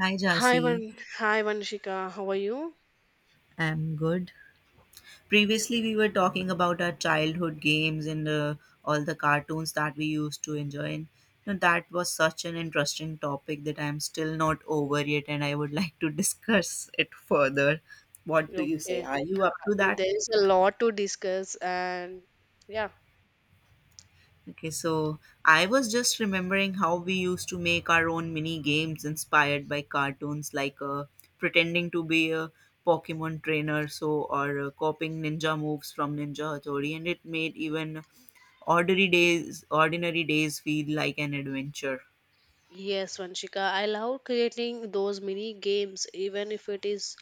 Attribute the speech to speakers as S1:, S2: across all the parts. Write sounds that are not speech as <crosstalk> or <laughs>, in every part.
S1: Hi,
S2: Hi,
S1: Jasi.
S2: Van. Hi, Vanshika. How are you?
S1: I'm good. Previously, we were talking about our childhood games and all the cartoons that we used to enjoy. And you know, that was such an interesting topic that I'm still not over yet, and I would <laughs> like to discuss it further. What do you say?
S2: Okay.
S1: Are you up to that?
S2: There's a lot to discuss, and yeah.
S1: Okay, so I was just remembering how we used to make our own mini games inspired by cartoons, like pretending to be a Pokemon trainer, or copying ninja moves from Ninja Hattori, and it made even ordinary days feel like an adventure.
S2: Yes, Vanshika. I love creating those mini games, even if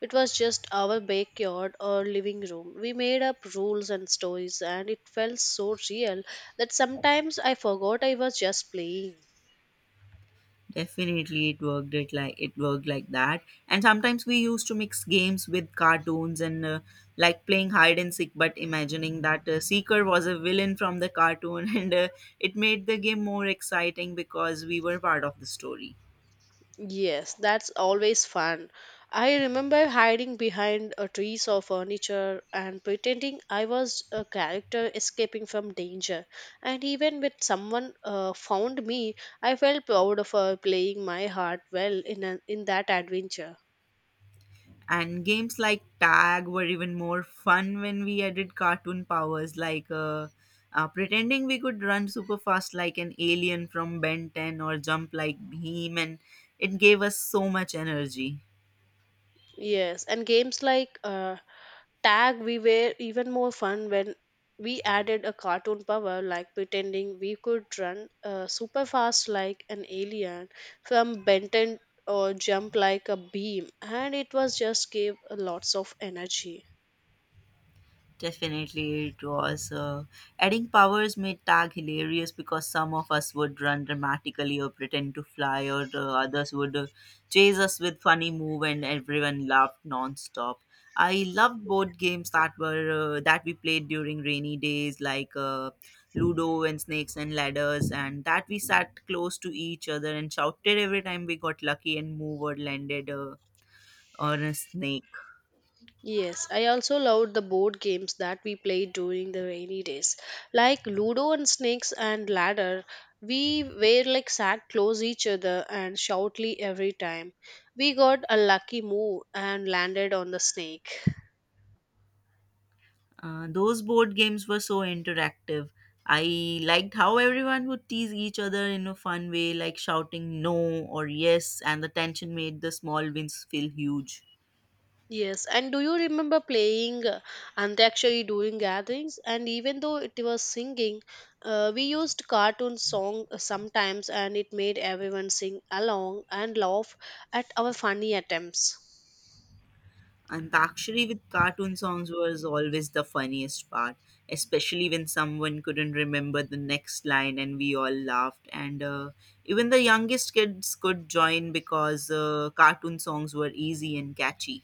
S2: it was just our backyard or living room. We made up rules and stories, and it felt so real that sometimes I forgot I was just playing.
S1: Definitely, it worked like that. And sometimes we used to mix games with cartoons and like playing hide and seek, but imagining that Seeker was a villain from the cartoon, <laughs> and it made the game more exciting because we were part of the story.
S2: Yes, that's always fun. I remember hiding behind a trees or furniture and pretending I was a character escaping from danger. And even when someone found me, I felt proud of her playing my heart well in an in that adventure.
S1: And games like tag were even more fun when we added cartoon powers, like pretending we could run super fast like an alien from Ben 10 or jump like Beam, and it gave us so much energy.
S2: Yes, and games like tag we were even more fun when we added a cartoon power like pretending we could run super fast like an alien from benton, or jump like a beam, and it was just gave a lots of energy.
S1: Definitely, it was. Adding powers made tag hilarious because some of us would run dramatically or pretend to fly, or others would chase us with funny move, and everyone laughed non-stop. I loved board games that were that we played during rainy days, like Ludo and Snakes and Ladders, and that we sat close to each other and shouted every time we got lucky and move or landed on a snake.
S2: Yes, I also loved the board games that we played during the rainy days, like ludo and snakes and ladder. We were like sat close each other and shoutly every time we got a lucky move and landed on the snake.
S1: Those board games were so interactive. I liked how everyone would tease each other in a fun way, like shouting no or yes, and the tension made the small wins feel huge.
S2: Yes, and do you remember playing Antakshari during gatherings? And even though it was singing, we used cartoon song sometimes, and it made everyone sing along and laugh at our funny attempts.
S1: Antakshari with cartoon songs was always the funniest part, especially when someone couldn't remember the next line and we all laughed. And even the youngest kids could join because cartoon songs were easy and catchy.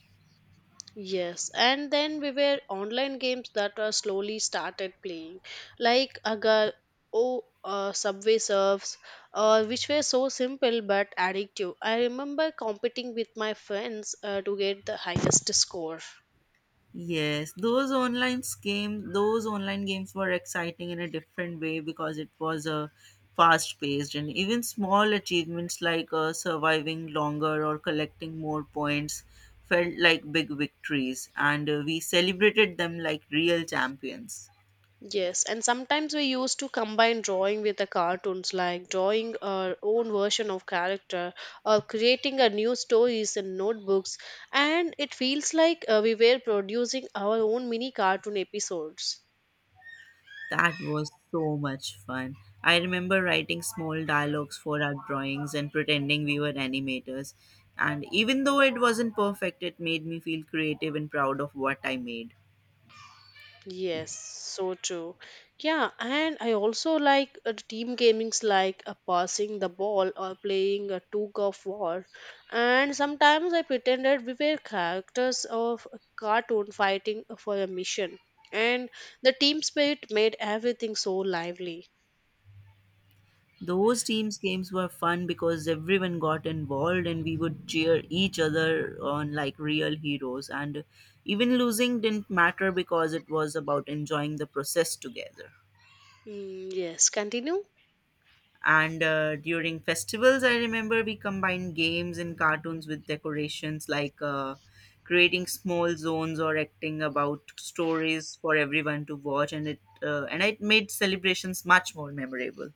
S2: Yes, and then we were online games that were slowly started playing, like Agar, oh, Subway Surfs, which were so simple but addictive. I remember competing with my friends to get the highest score.
S1: Yes, those online games were exciting in a different way because it was a fast paced and even small achievements like surviving longer or collecting more points felt like big victories and we celebrated them like real champions.
S2: Yes, and sometimes we used to combine drawing with the cartoons, like drawing our own version of character or creating a new stories in notebooks, and it feels like we were producing our own mini cartoon episodes.
S1: That was so much fun. I remember writing small dialogues for our drawings and pretending we were animators. And even though it wasn't perfect, it made me feel creative and proud of what I made.
S2: Yes, so true. Yeah, and I also like team gamings like passing the ball or playing a tug of war. And sometimes I pretended we were characters of a cartoon fighting for a mission. And the team spirit made everything so lively.
S1: Those teams games were fun because everyone got involved and we would cheer each other on like real heroes, and even losing didn't matter because it was about enjoying the process together.
S2: Mm, yes, continue.
S1: And uh, during festivals, I remember we combined games and cartoons with decorations, like creating small zones or acting about stories for everyone to watch, and it made celebrations much more memorable.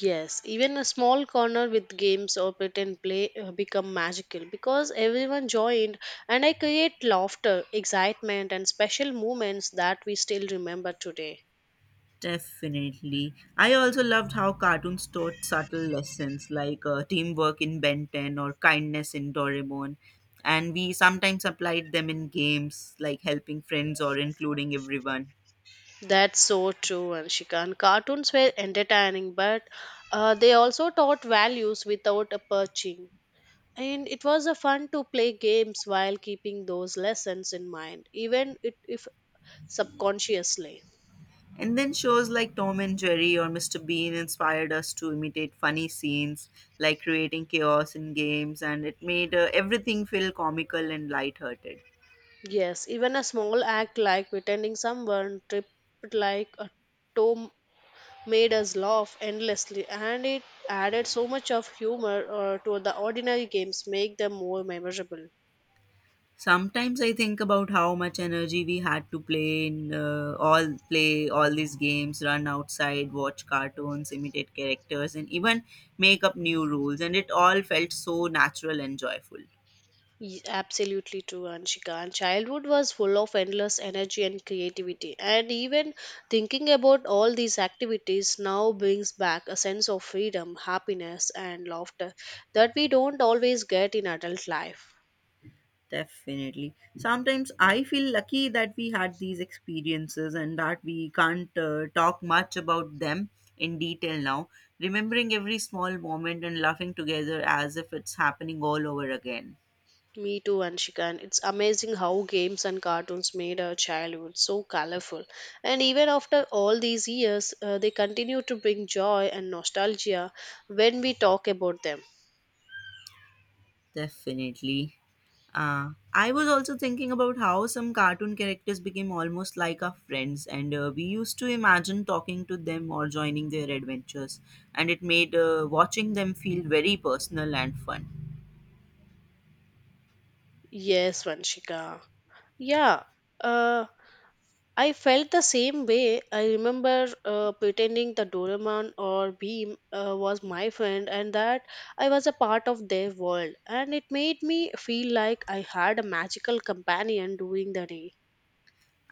S2: Yes, even a small corner with games or pretend play become magical because everyone joined and I create laughter, excitement and special moments that we still remember today.
S1: Definitely. I also loved how cartoons taught subtle lessons like teamwork in Ben 10 or kindness in Doraemon. And we sometimes applied them in games like helping friends or including everyone.
S2: That's so true, Anshika. Cartoons were entertaining, but they also taught values without a perching. And it was a fun to play games while keeping those lessons in mind, even if subconsciously.
S1: And then shows like Tom and Jerry or Mr. Bean inspired us to imitate funny scenes, like creating chaos in games, and it made everything feel comical and lighthearted.
S2: Yes, even a small act like pretending someone tripped like a toe made us laugh endlessly, and it added so much of humor to the ordinary games, make them more memorable.
S1: Sometimes I think about how much energy we had to play all these games, run outside, watch cartoons, imitate characters, and even make up new rules. And it all felt so natural and joyful.
S2: Absolutely true, Anshika. And childhood was full of endless energy and creativity. And even thinking about all these activities now brings back a sense of freedom, happiness, and laughter that we don't always get in adult life.
S1: Definitely. Sometimes I feel lucky that we had these experiences and that we can't talk much about them in detail now. Remembering every small moment and laughing together as if it's happening all over again.
S2: Me too, Anshika. It's amazing how games and cartoons made our childhood so colorful. And even after all these years, they continue to bring joy and nostalgia when we talk about them.
S1: Definitely. I was also thinking about how some cartoon characters became almost like our friends, and we used to imagine talking to them or joining their adventures, and it made watching them feel very personal and fun.
S2: Yes, Vanshika. Yeah, uh, I felt the same way. I remember pretending the Doraemon or Beam was my friend and that I was a part of their world. And it made me feel like I had a magical companion during the day.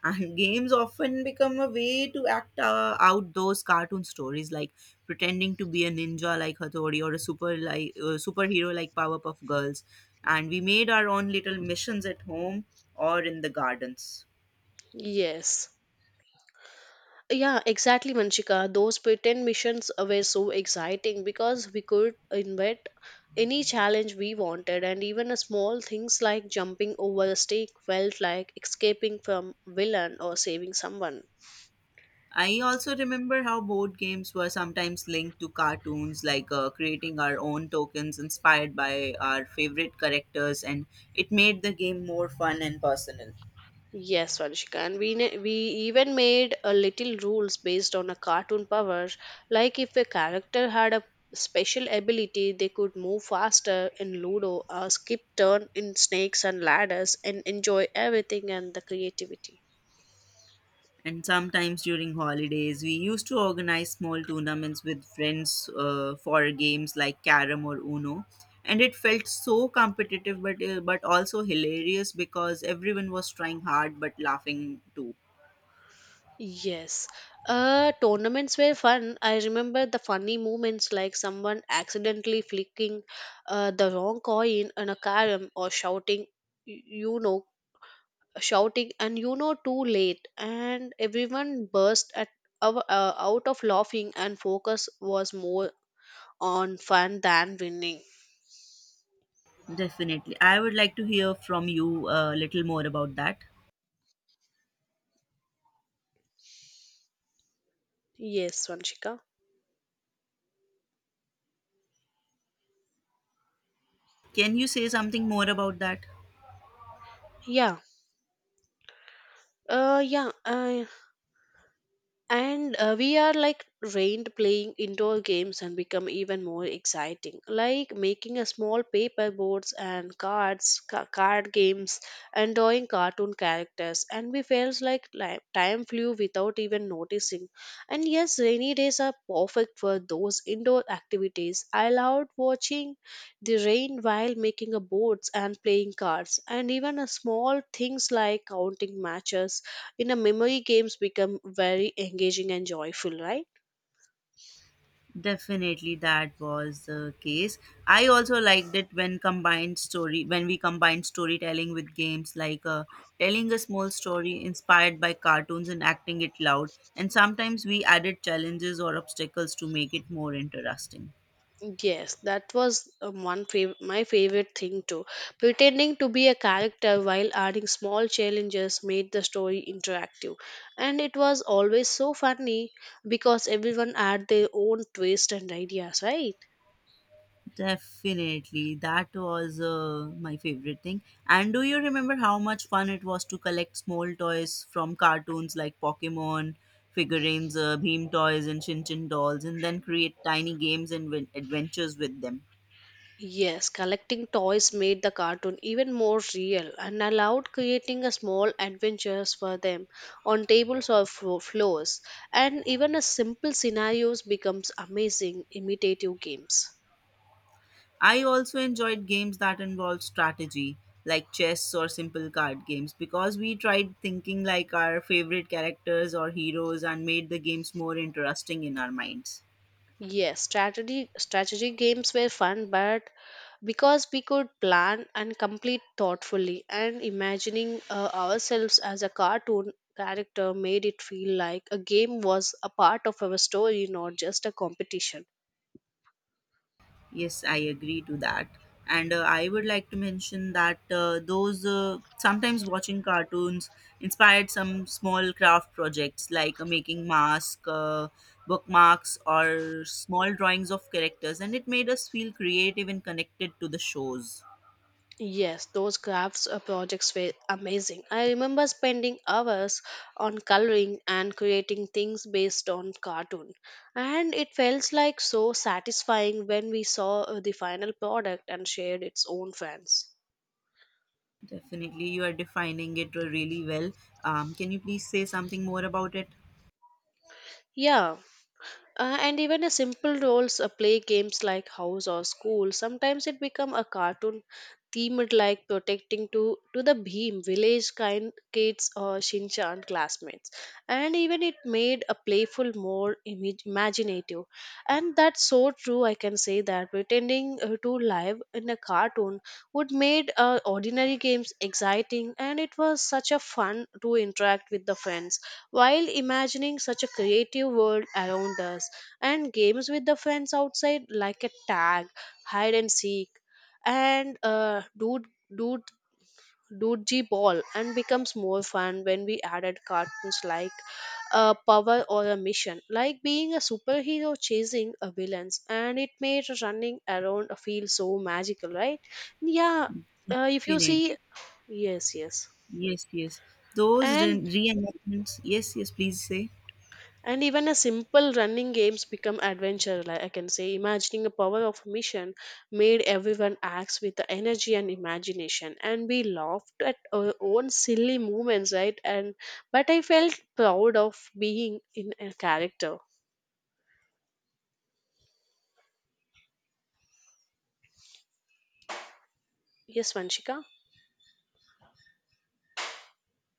S1: And <laughs> games often become a way to act out those cartoon stories, like pretending to be a ninja like Hathori or a superhero like Powerpuff Girls, and we made our own little missions at home or in the gardens.
S2: Yes. Yeah, exactly, Manchika. Those pretend missions were so exciting because we could invent any challenge we wanted, and even a small things like jumping over a stake felt like escaping from villain or saving someone.
S1: I also remember how board games were sometimes linked to cartoons, like creating our own tokens inspired by our favorite characters, and it made the game more fun and personal.
S2: Yes, Vanshika, and we even made a little rules based on a cartoon power, like if a character had a special ability, they could move faster in Ludo, or skip turn in Snakes and Ladders, and enjoy everything and the creativity.
S1: And sometimes during holidays, we used to organize small tournaments with friends for games like Carom or Uno. And it felt so competitive, but also hilarious because everyone was trying hard but laughing too.
S2: Yes. Tournaments were fun. I remember the funny moments like someone accidentally flicking the wrong coin on a carom or shouting, you know, shouting and you know too late. And everyone burst at out of laughing and focus was more on fun than winning.
S1: Definitely. I would like to hear from you a little more about that.
S2: Yes, Vanshika.
S1: Can you say something more about that?
S2: Yeah. Yeah. And we are like trained playing indoor games and become even more exciting like making a small paper boards and card games and drawing cartoon characters and we felt like time flew without even noticing. And yes, rainy days are perfect for those indoor activities. I loved watching the rain while making a boards and playing cards, and even a small things like counting matches in a memory games become very engaging and joyful, right?
S1: Definitely, that was the case. I also liked it when combined story when we combined storytelling with games, like telling a small story inspired by cartoons and acting it loud. And sometimes we added challenges or obstacles to make it more interesting.
S2: Yes, that was my favorite thing too. Pretending to be a character while adding small challenges made the story interactive, and it was always so funny because everyone had their own twist and ideas, right?
S1: Definitely. That was my favorite thing. And do you remember how much fun it was to collect small toys from cartoons like Pokemon figurines, Beam toys, and Shin Chin dolls, and then create tiny games and adventures with them?
S2: Yes, collecting toys made the cartoon even more real and allowed creating a small adventures for them on tables or floors, and even a simple scenarios becomes amazing imitative games.
S1: I also enjoyed games that involved strategy, like chess or simple card games, because we tried thinking like our favorite characters or heroes and made the games more interesting in our minds.
S2: Yes, strategy games were fun but because we could plan and complete thoughtfully, and imagining ourselves as a cartoon character made it feel like a game was a part of our story, not just a competition.
S1: Yes, I agree to that. And I would like to mention that those sometimes watching cartoons inspired some small craft projects like making masks, bookmarks, or small drawings of characters, and it made us feel creative and connected to the shows.
S2: Yes, those crafts projects were amazing. I remember spending hours on coloring and creating things based on cartoon. And it felt like so satisfying when we saw the final product and shared its own fans.
S1: Definitely, you are defining it really well. Can you please say something more about it?
S2: Yeah. And even a simple roles play games like house or school sometimes it become a cartoon themed like protecting to the beam village kind kids or shinchan classmates, and even it made a playful more imaginative. And that's so true, I can say that pretending to live in a cartoon would made ordinary games exciting, and it was such a fun to interact with the friends while imagining such a creative world around us. And games with the friends outside like a tag, hide and seek, and dude dude Doodgy ball and becomes more fun when we added cartoons like a power or a mission, like being a superhero chasing a villains, and it made running around feel so magical, right? Yeah, if you see,
S1: Definitely.
S2: yes, yes,
S1: Yes, yes. Those
S2: and
S1: reenactments. Yes, yes, please say.
S2: and even a simple running games become adventure, like I can say imagining a power of mission made everyone acts with the energy and imagination, and we laughed at our own silly movements, right? And but I felt proud of being in a character. Yes, Vanshika.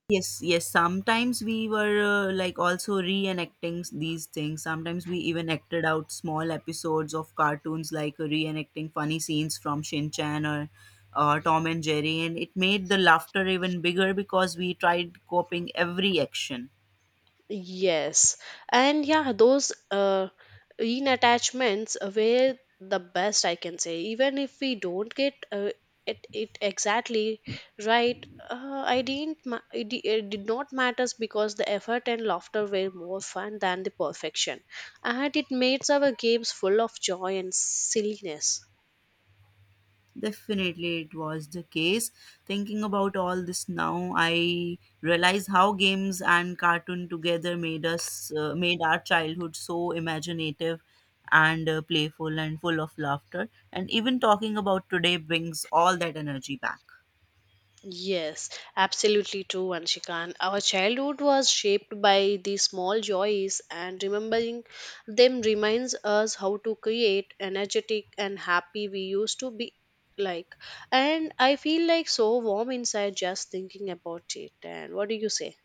S1: Yes, yes. Sometimes we were like also reenacting these things. Sometimes we even acted out small episodes of cartoons, like reenacting funny scenes from Shin Chan or Tom and Jerry, and it made the laughter even bigger because we tried copying every action.
S2: Yes, and yeah, those in attachments were the best, I can say. Even if we don't get it exactly right, I didn't. Ma- it did not matters because the effort and laughter were more fun than the perfection, and it made our games full of joy and silliness.
S1: Definitely, it was the case. Thinking about all this now, I realize how games and cartoon together made our childhood so imaginative and playful and full of laughter. And even talking about today brings all that energy back.
S2: Yes, absolutely true, Anshika. Our childhood was shaped by the small joys, and remembering them reminds us how to create energetic and happy we used to be like. And I feel like so warm inside just thinking about it. And what do you say?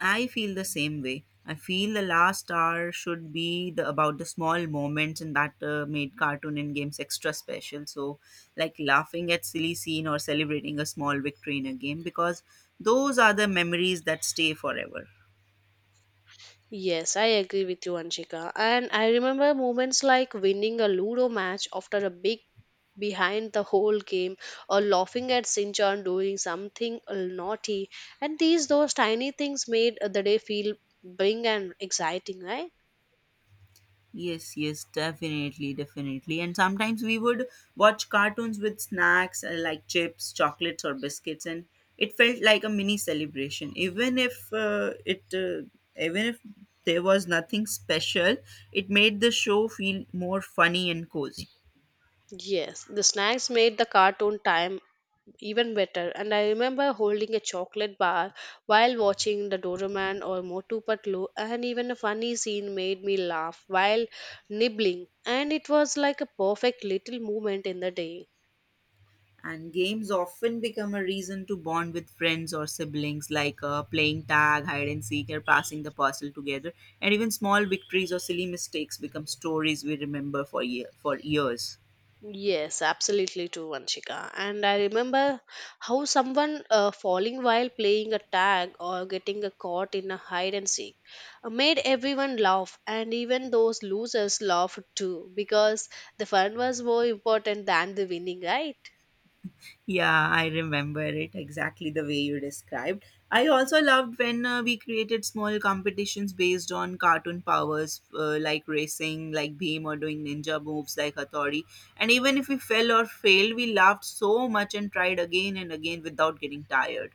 S1: I feel the same way. I feel the last hour should be the about the small moments, and that made cartoon and games extra special. So, like laughing at silly scene or celebrating a small victory in a game, because those are the memories that stay forever.
S2: Yes, I agree with you, Anshika. And I remember moments like winning a Ludo match after a big behind the whole game, or laughing at Sinchan doing something naughty. And these those tiny things made the day feel bring and exciting, right?
S1: Yes, yes, definitely, definitely. And sometimes we would watch cartoons with snacks like chips, chocolates, or biscuits, and it felt like a mini celebration. Even if there was nothing special, it made the show feel more funny and cozy.
S2: Yes, the snacks made the cartoon time even better. And I remember holding a chocolate bar while watching the Doraemon or Motu Patlu, and even a funny scene made me laugh while nibbling. And it was like a perfect little moment in the day.
S1: And games often become a reason to bond with friends or siblings, like playing tag, hide and seek, or passing the puzzle together. And even small victories or silly mistakes become stories we remember for years.
S2: Yes, absolutely true, Vanshika. And I remember how someone falling while playing a tag or getting a caught in a hide and seek made everyone laugh, and even those losers laughed too because the fun was more important than the winning, right?
S1: Yeah, I remember it exactly the way you described. I also loved when we created small competitions based on cartoon powers, like racing, like Beam, or doing ninja moves like Hattori. And even if we fell or failed, we laughed so much and tried again and again without getting tired.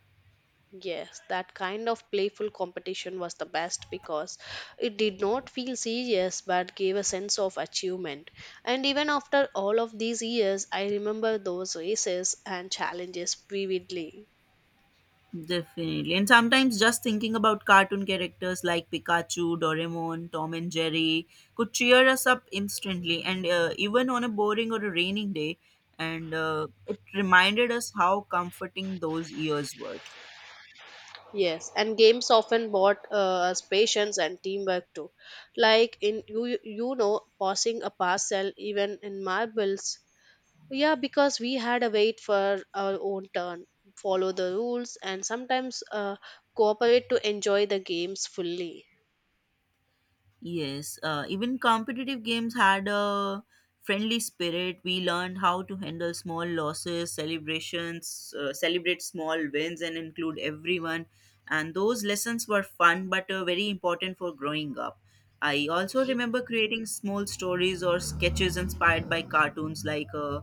S2: Yes, that kind of playful competition was the best because it did not feel serious but gave a sense of achievement. And even after all of these years, I remember those races and challenges vividly.
S1: Definitely. And sometimes just thinking about cartoon characters like Pikachu, Doraemon, Tom and Jerry could cheer us up instantly and even on a boring or a raining day. And it reminded us how comforting those years were.
S2: Yes, and games often brought us patience and teamwork too. Like in you, you know, passing a parcel even in marbles. Yeah, because we had to wait for our own turn, follow the rules, and sometimes cooperate to enjoy the games fully.
S1: Yes, even competitive games had a friendly spirit. We learned how to handle small losses, celebrate small wins, and include everyone. And those lessons were fun but very important for growing up. I also remember creating small stories or sketches inspired by cartoons like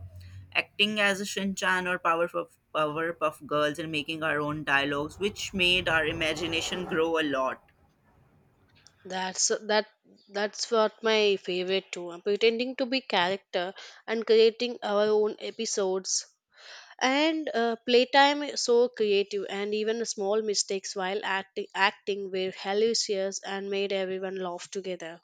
S1: acting as a Shinchan or Powerpuff Girls and making our own dialogues, which made our imagination grow a lot.
S2: That's that. That's what my favorite too. Uh, pretending to be character and creating our own episodes and playtime is so creative, and even small mistakes while acting were hilarious and made everyone laugh together.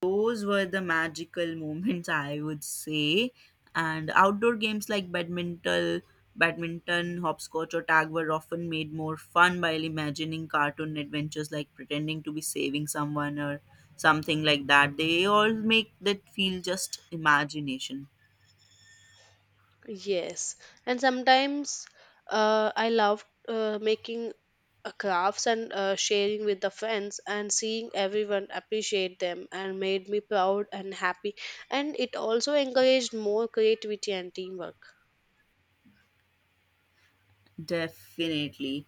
S1: Those were the magical moments, I would say. And outdoor games like badminton, hopscotch, or tag were often made more fun by imagining cartoon adventures, like pretending to be saving someone or something like that. They all make that feel just imagination.
S2: Yes, and sometimes I love making crafts and sharing with the friends and seeing everyone appreciate them and made me proud and happy, and it also encouraged more creativity and teamwork.
S1: Definitely.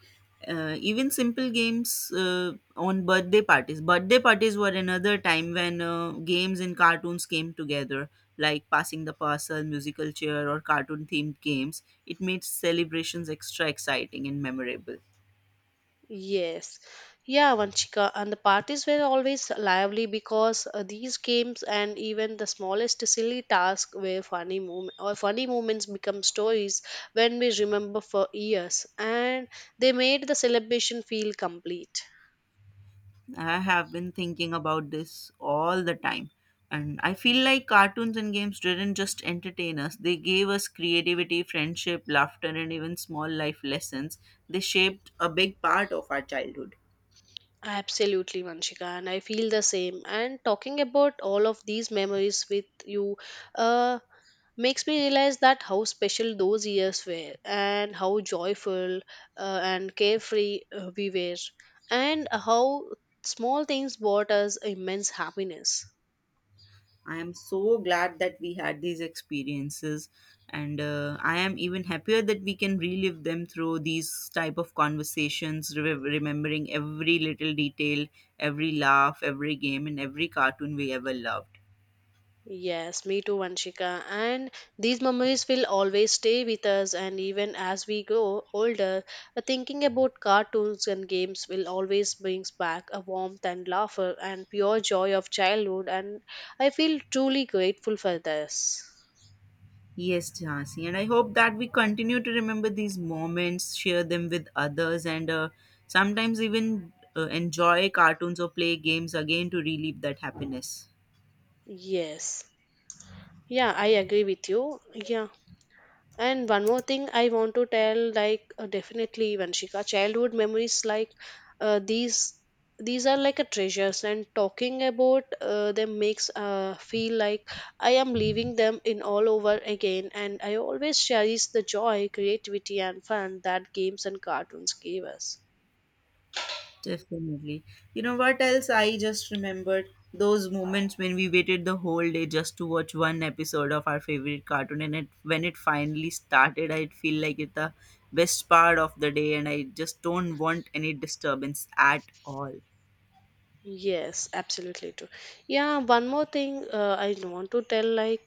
S1: Even simple games on birthday parties. Birthday parties were another time when games and cartoons came together, like passing the parcel, musical chair, or cartoon themed games. It made celebrations extra exciting and memorable.
S2: Yes, yeah, Vanchika, and the parties were always lively because these games and even the smallest silly tasks were funny moment or funny moments become stories when we remember for years, and they made the celebration feel complete.
S1: I have been thinking about this all the time. And I feel like cartoons and games didn't just entertain us, they gave us creativity, friendship, laughter, and even small life lessons. They shaped a big part of our childhood.
S2: Absolutely, Vanshika, and I feel the same. And talking about all of these memories with you, uh, makes me realize that how special those years were, and how joyful and carefree we were, and how small things brought us immense happiness.
S1: I am so glad that we had these experiences, and I am even happier that we can relive them through these type of conversations, remembering every little detail, every laugh, every game, and every cartoon we ever loved.
S2: Yes, me too, Vanshika. And these memories will always stay with us. And even as we grow older, thinking about cartoons and games will always brings back a warmth and laughter and pure joy of childhood. And I feel truly grateful for this.
S1: Yes, Jhansi. And I hope that we continue to remember these moments, share them with others, and sometimes even enjoy cartoons or play games again to relieve that happiness.
S2: Yes. Yeah, I agree with you. Yeah. And one more thing I want to tell, like, definitely Vanshika, childhood memories like uh, these these are like a treasures, and talking about them makes feel like I am leaving them in all over again, and I always cherish the joy, creativity, and fun that games and cartoons gave us.
S1: Definitely. You know what else? I just remembered those moments when we waited the whole day just to watch one episode of our favorite cartoon, and when it finally started, I feel like it's the best part of the day, and I just don't want any disturbance at all.
S2: Yes, absolutely true. Yeah, one more thing I want to tell, like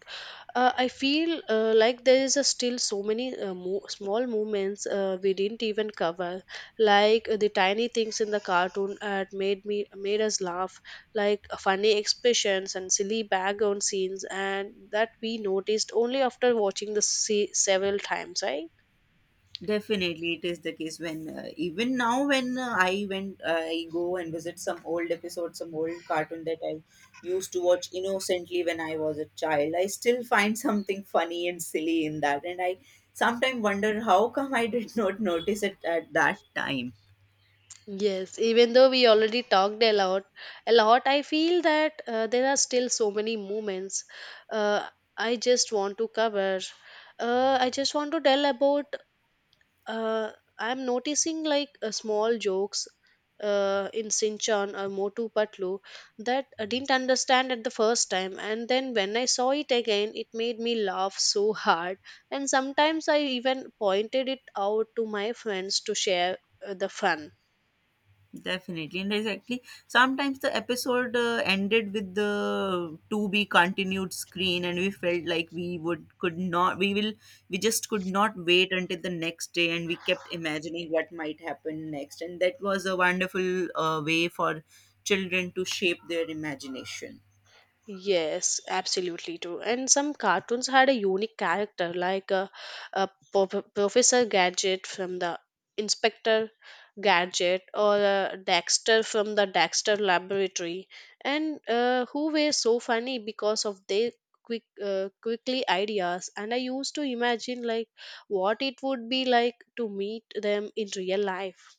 S2: I feel like there is a still so many small movements we didn't even cover, like, the tiny things in the cartoon had made us laugh, like, funny expressions and silly background scenes, and that we noticed only after watching the several times, right?
S1: Definitely, it is the case when even now when I go and visit some old episodes, some old cartoon that I used to watch innocently when I was a child. I still find <laughs> something funny and silly in that, and I sometimes wonder how come I did not notice it at that time.
S2: Yes, even though we already talked a lot, I feel that there are still so many moments uh, I just want to cover. I just want to tell about. Uh, I'm noticing like small jokes in Sinchan or Motu Patlu that I didn't understand at the first time, and then when I saw it again, it made me laugh so hard. And sometimes I even pointed it out to my friends to share the fun.
S1: Definitely and exactly. Sometimes the episode ended with the to be continued screen, and we felt like we just could not wait until the next day, and we kept imagining what might happen next, and that was a wonderful way for children to shape their imagination.
S2: Yes, absolutely true. And some cartoons had a unique character, like, Professor Gadget from the Inspector Gadget, or Dexter from the Dexter Laboratory, and who were so funny because of their quickly ideas. And I used to imagine like what it would be like to meet them in real life.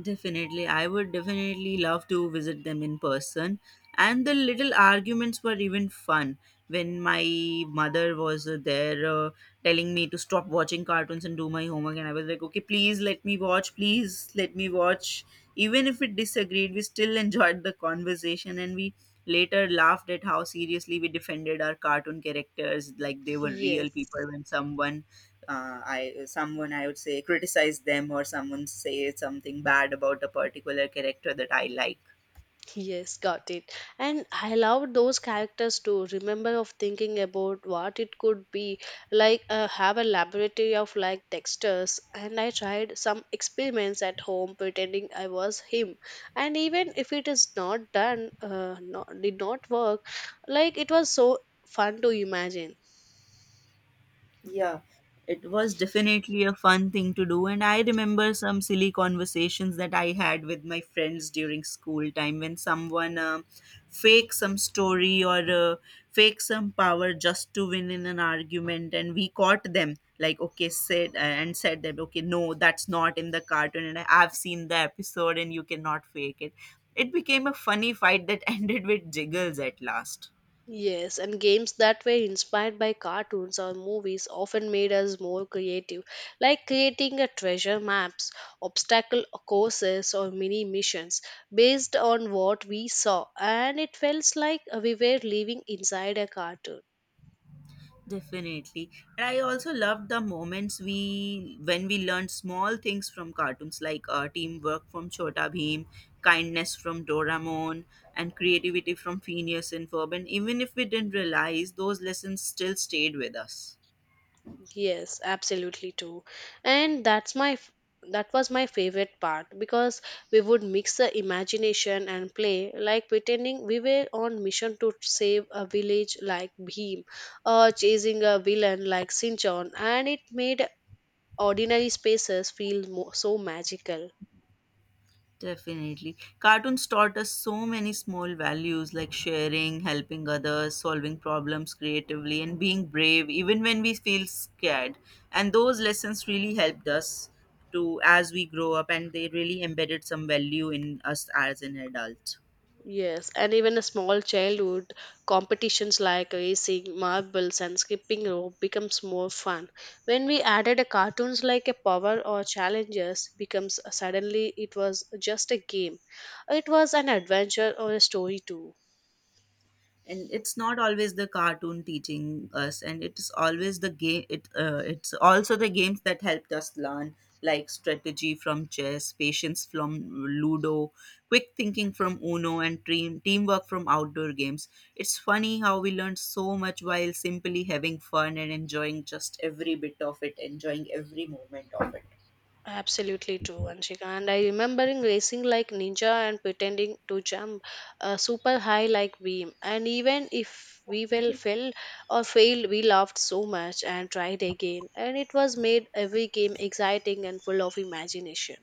S1: Definitely, I would definitely love to visit them in person. And the little arguments were even fun when my mother was there telling me to stop watching cartoons and do my homework. And I was like, okay, please let me watch, please let me watch. Even if it disagreed, we still <laughs> enjoyed the conversation and we later laughed at how seriously we defended our cartoon characters like they were real people
S2: Yes.
S1: when someone I would say criticize them or someone say something bad about a particular character that I like.
S2: Yes, got it. And I love those characters too. Remember of thinking about what it could be like. Have a laboratory of like textures, and I tried some experiments at home pretending I was him. And even if it is not done, not, did not work. Like, it was so fun to imagine.
S1: Yeah, it was definitely a fun thing to do. And I remember some silly conversations that I had with my friends during school time when someone faked some story or faked some power just to win in an argument. And we caught them, like, okay, said that, okay, no, that's not in the cartoon. And I've seen the episode and you cannot fake it. It became a funny fight that <laughs> ended with jiggles at last.
S2: Yes, and games that were inspired by cartoons or movies often made us more creative, like creating a treasure maps, obstacle courses, or mini missions based on what we saw, and it felt like we were living inside a cartoon.
S1: Definitely. And I also loved the moments we when we learned small things from cartoons like teamwork from Chota Bheem, kindness from Doraemon, and creativity from Phineas and Ferb. And even if we didn't realize, those lessons still stayed with us.
S2: Yes, absolutely too. And that was my favorite part because we would mix the imagination and play, like pretending we were on mission to save a village like Bhim or chasing a villain like Sinchon, and it made ordinary spaces feel so magical.
S1: Definitely. Cartoons taught us so many small values like sharing, helping others, solving problems creatively, and being brave even when we feel scared. And those lessons really helped us to as we grow up, and they really embedded some value in us as an adult.
S2: Yes, and even a small childhood competitions like racing, marbles, and skipping rope becomes more fun. When we added a cartoons like a power or challenges becomes, suddenly it was just a game. It was an adventure or a story too.
S1: And it's not always the cartoon teaching us, and it's always the game it's also the games that helped us learn, like strategy from chess, patience from ludo, quick thinking from uno, and teamwork from outdoor games. It's funny how we learned so much while simply having fun and enjoying every moment of it.
S2: Absolutely true, Anshika. And I remembering racing like ninja and pretending to jump super high like beam. And even if we well fell or failed, we laughed so much and tried again. And it was made every game exciting and full of imagination.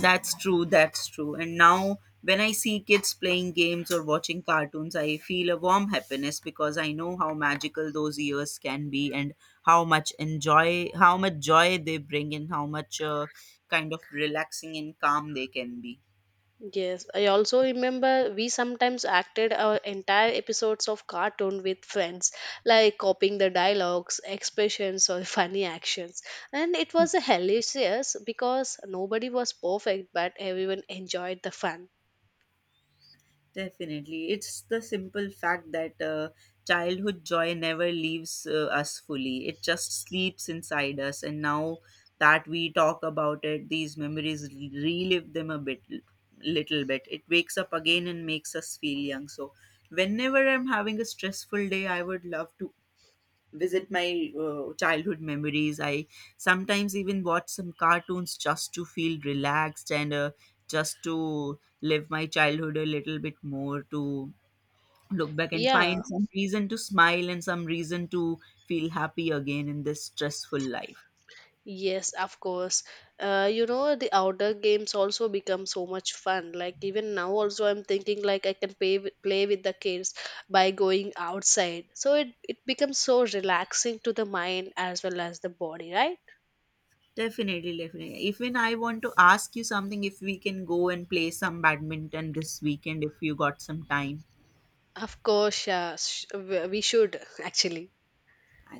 S1: That's true, that's true. And now, when I see kids playing games or watching cartoons, I feel a warm happiness because I know how magical those years can be, and how much joy they bring, and how much kind of relaxing and calm they can be.
S2: Yes, I also remember we sometimes acted our entire episodes of cartoon with friends, like copying the dialogues, expressions, or <laughs> funny actions. And it was hilarious because nobody was perfect, but everyone enjoyed the fun.
S1: Definitely. It's the simple fact that childhood joy never leaves us fully. It just sleeps inside us. And now that we talk about it, these memories relive them little bit. It wakes up again and makes us feel young. So, whenever I'm having a stressful day, I would love to visit my childhood memories. I sometimes even watch some cartoons just to feel relaxed and just to live my childhood a little bit more, to look back and
S2: Yeah.
S1: find some reason to smile and some reason to feel happy again in this stressful life.
S2: Yes, of course. You know, the outdoor games also become so much fun. Like, even now also I'm thinking like I can play with the kids by going outside. So it becomes so relaxing to the mind as well as the body, right?
S1: Definitely, definitely. Even I want to ask you something, if we can go and play some badminton this weekend if you got some time.
S2: Of course, yeah, we should <laughs> actually.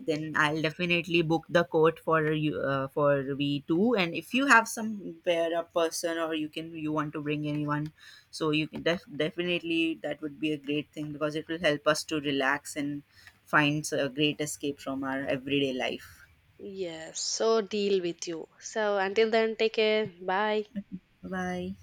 S1: Then I'll definitely book the court for you for we two. And if you have some pair up person or you can you want to bring anyone, so you can definitely, that would be a great thing because it will help us to relax and find a great escape from our everyday life.
S2: Yes, so deal with you. So until then, take care. Bye.
S1: Bye.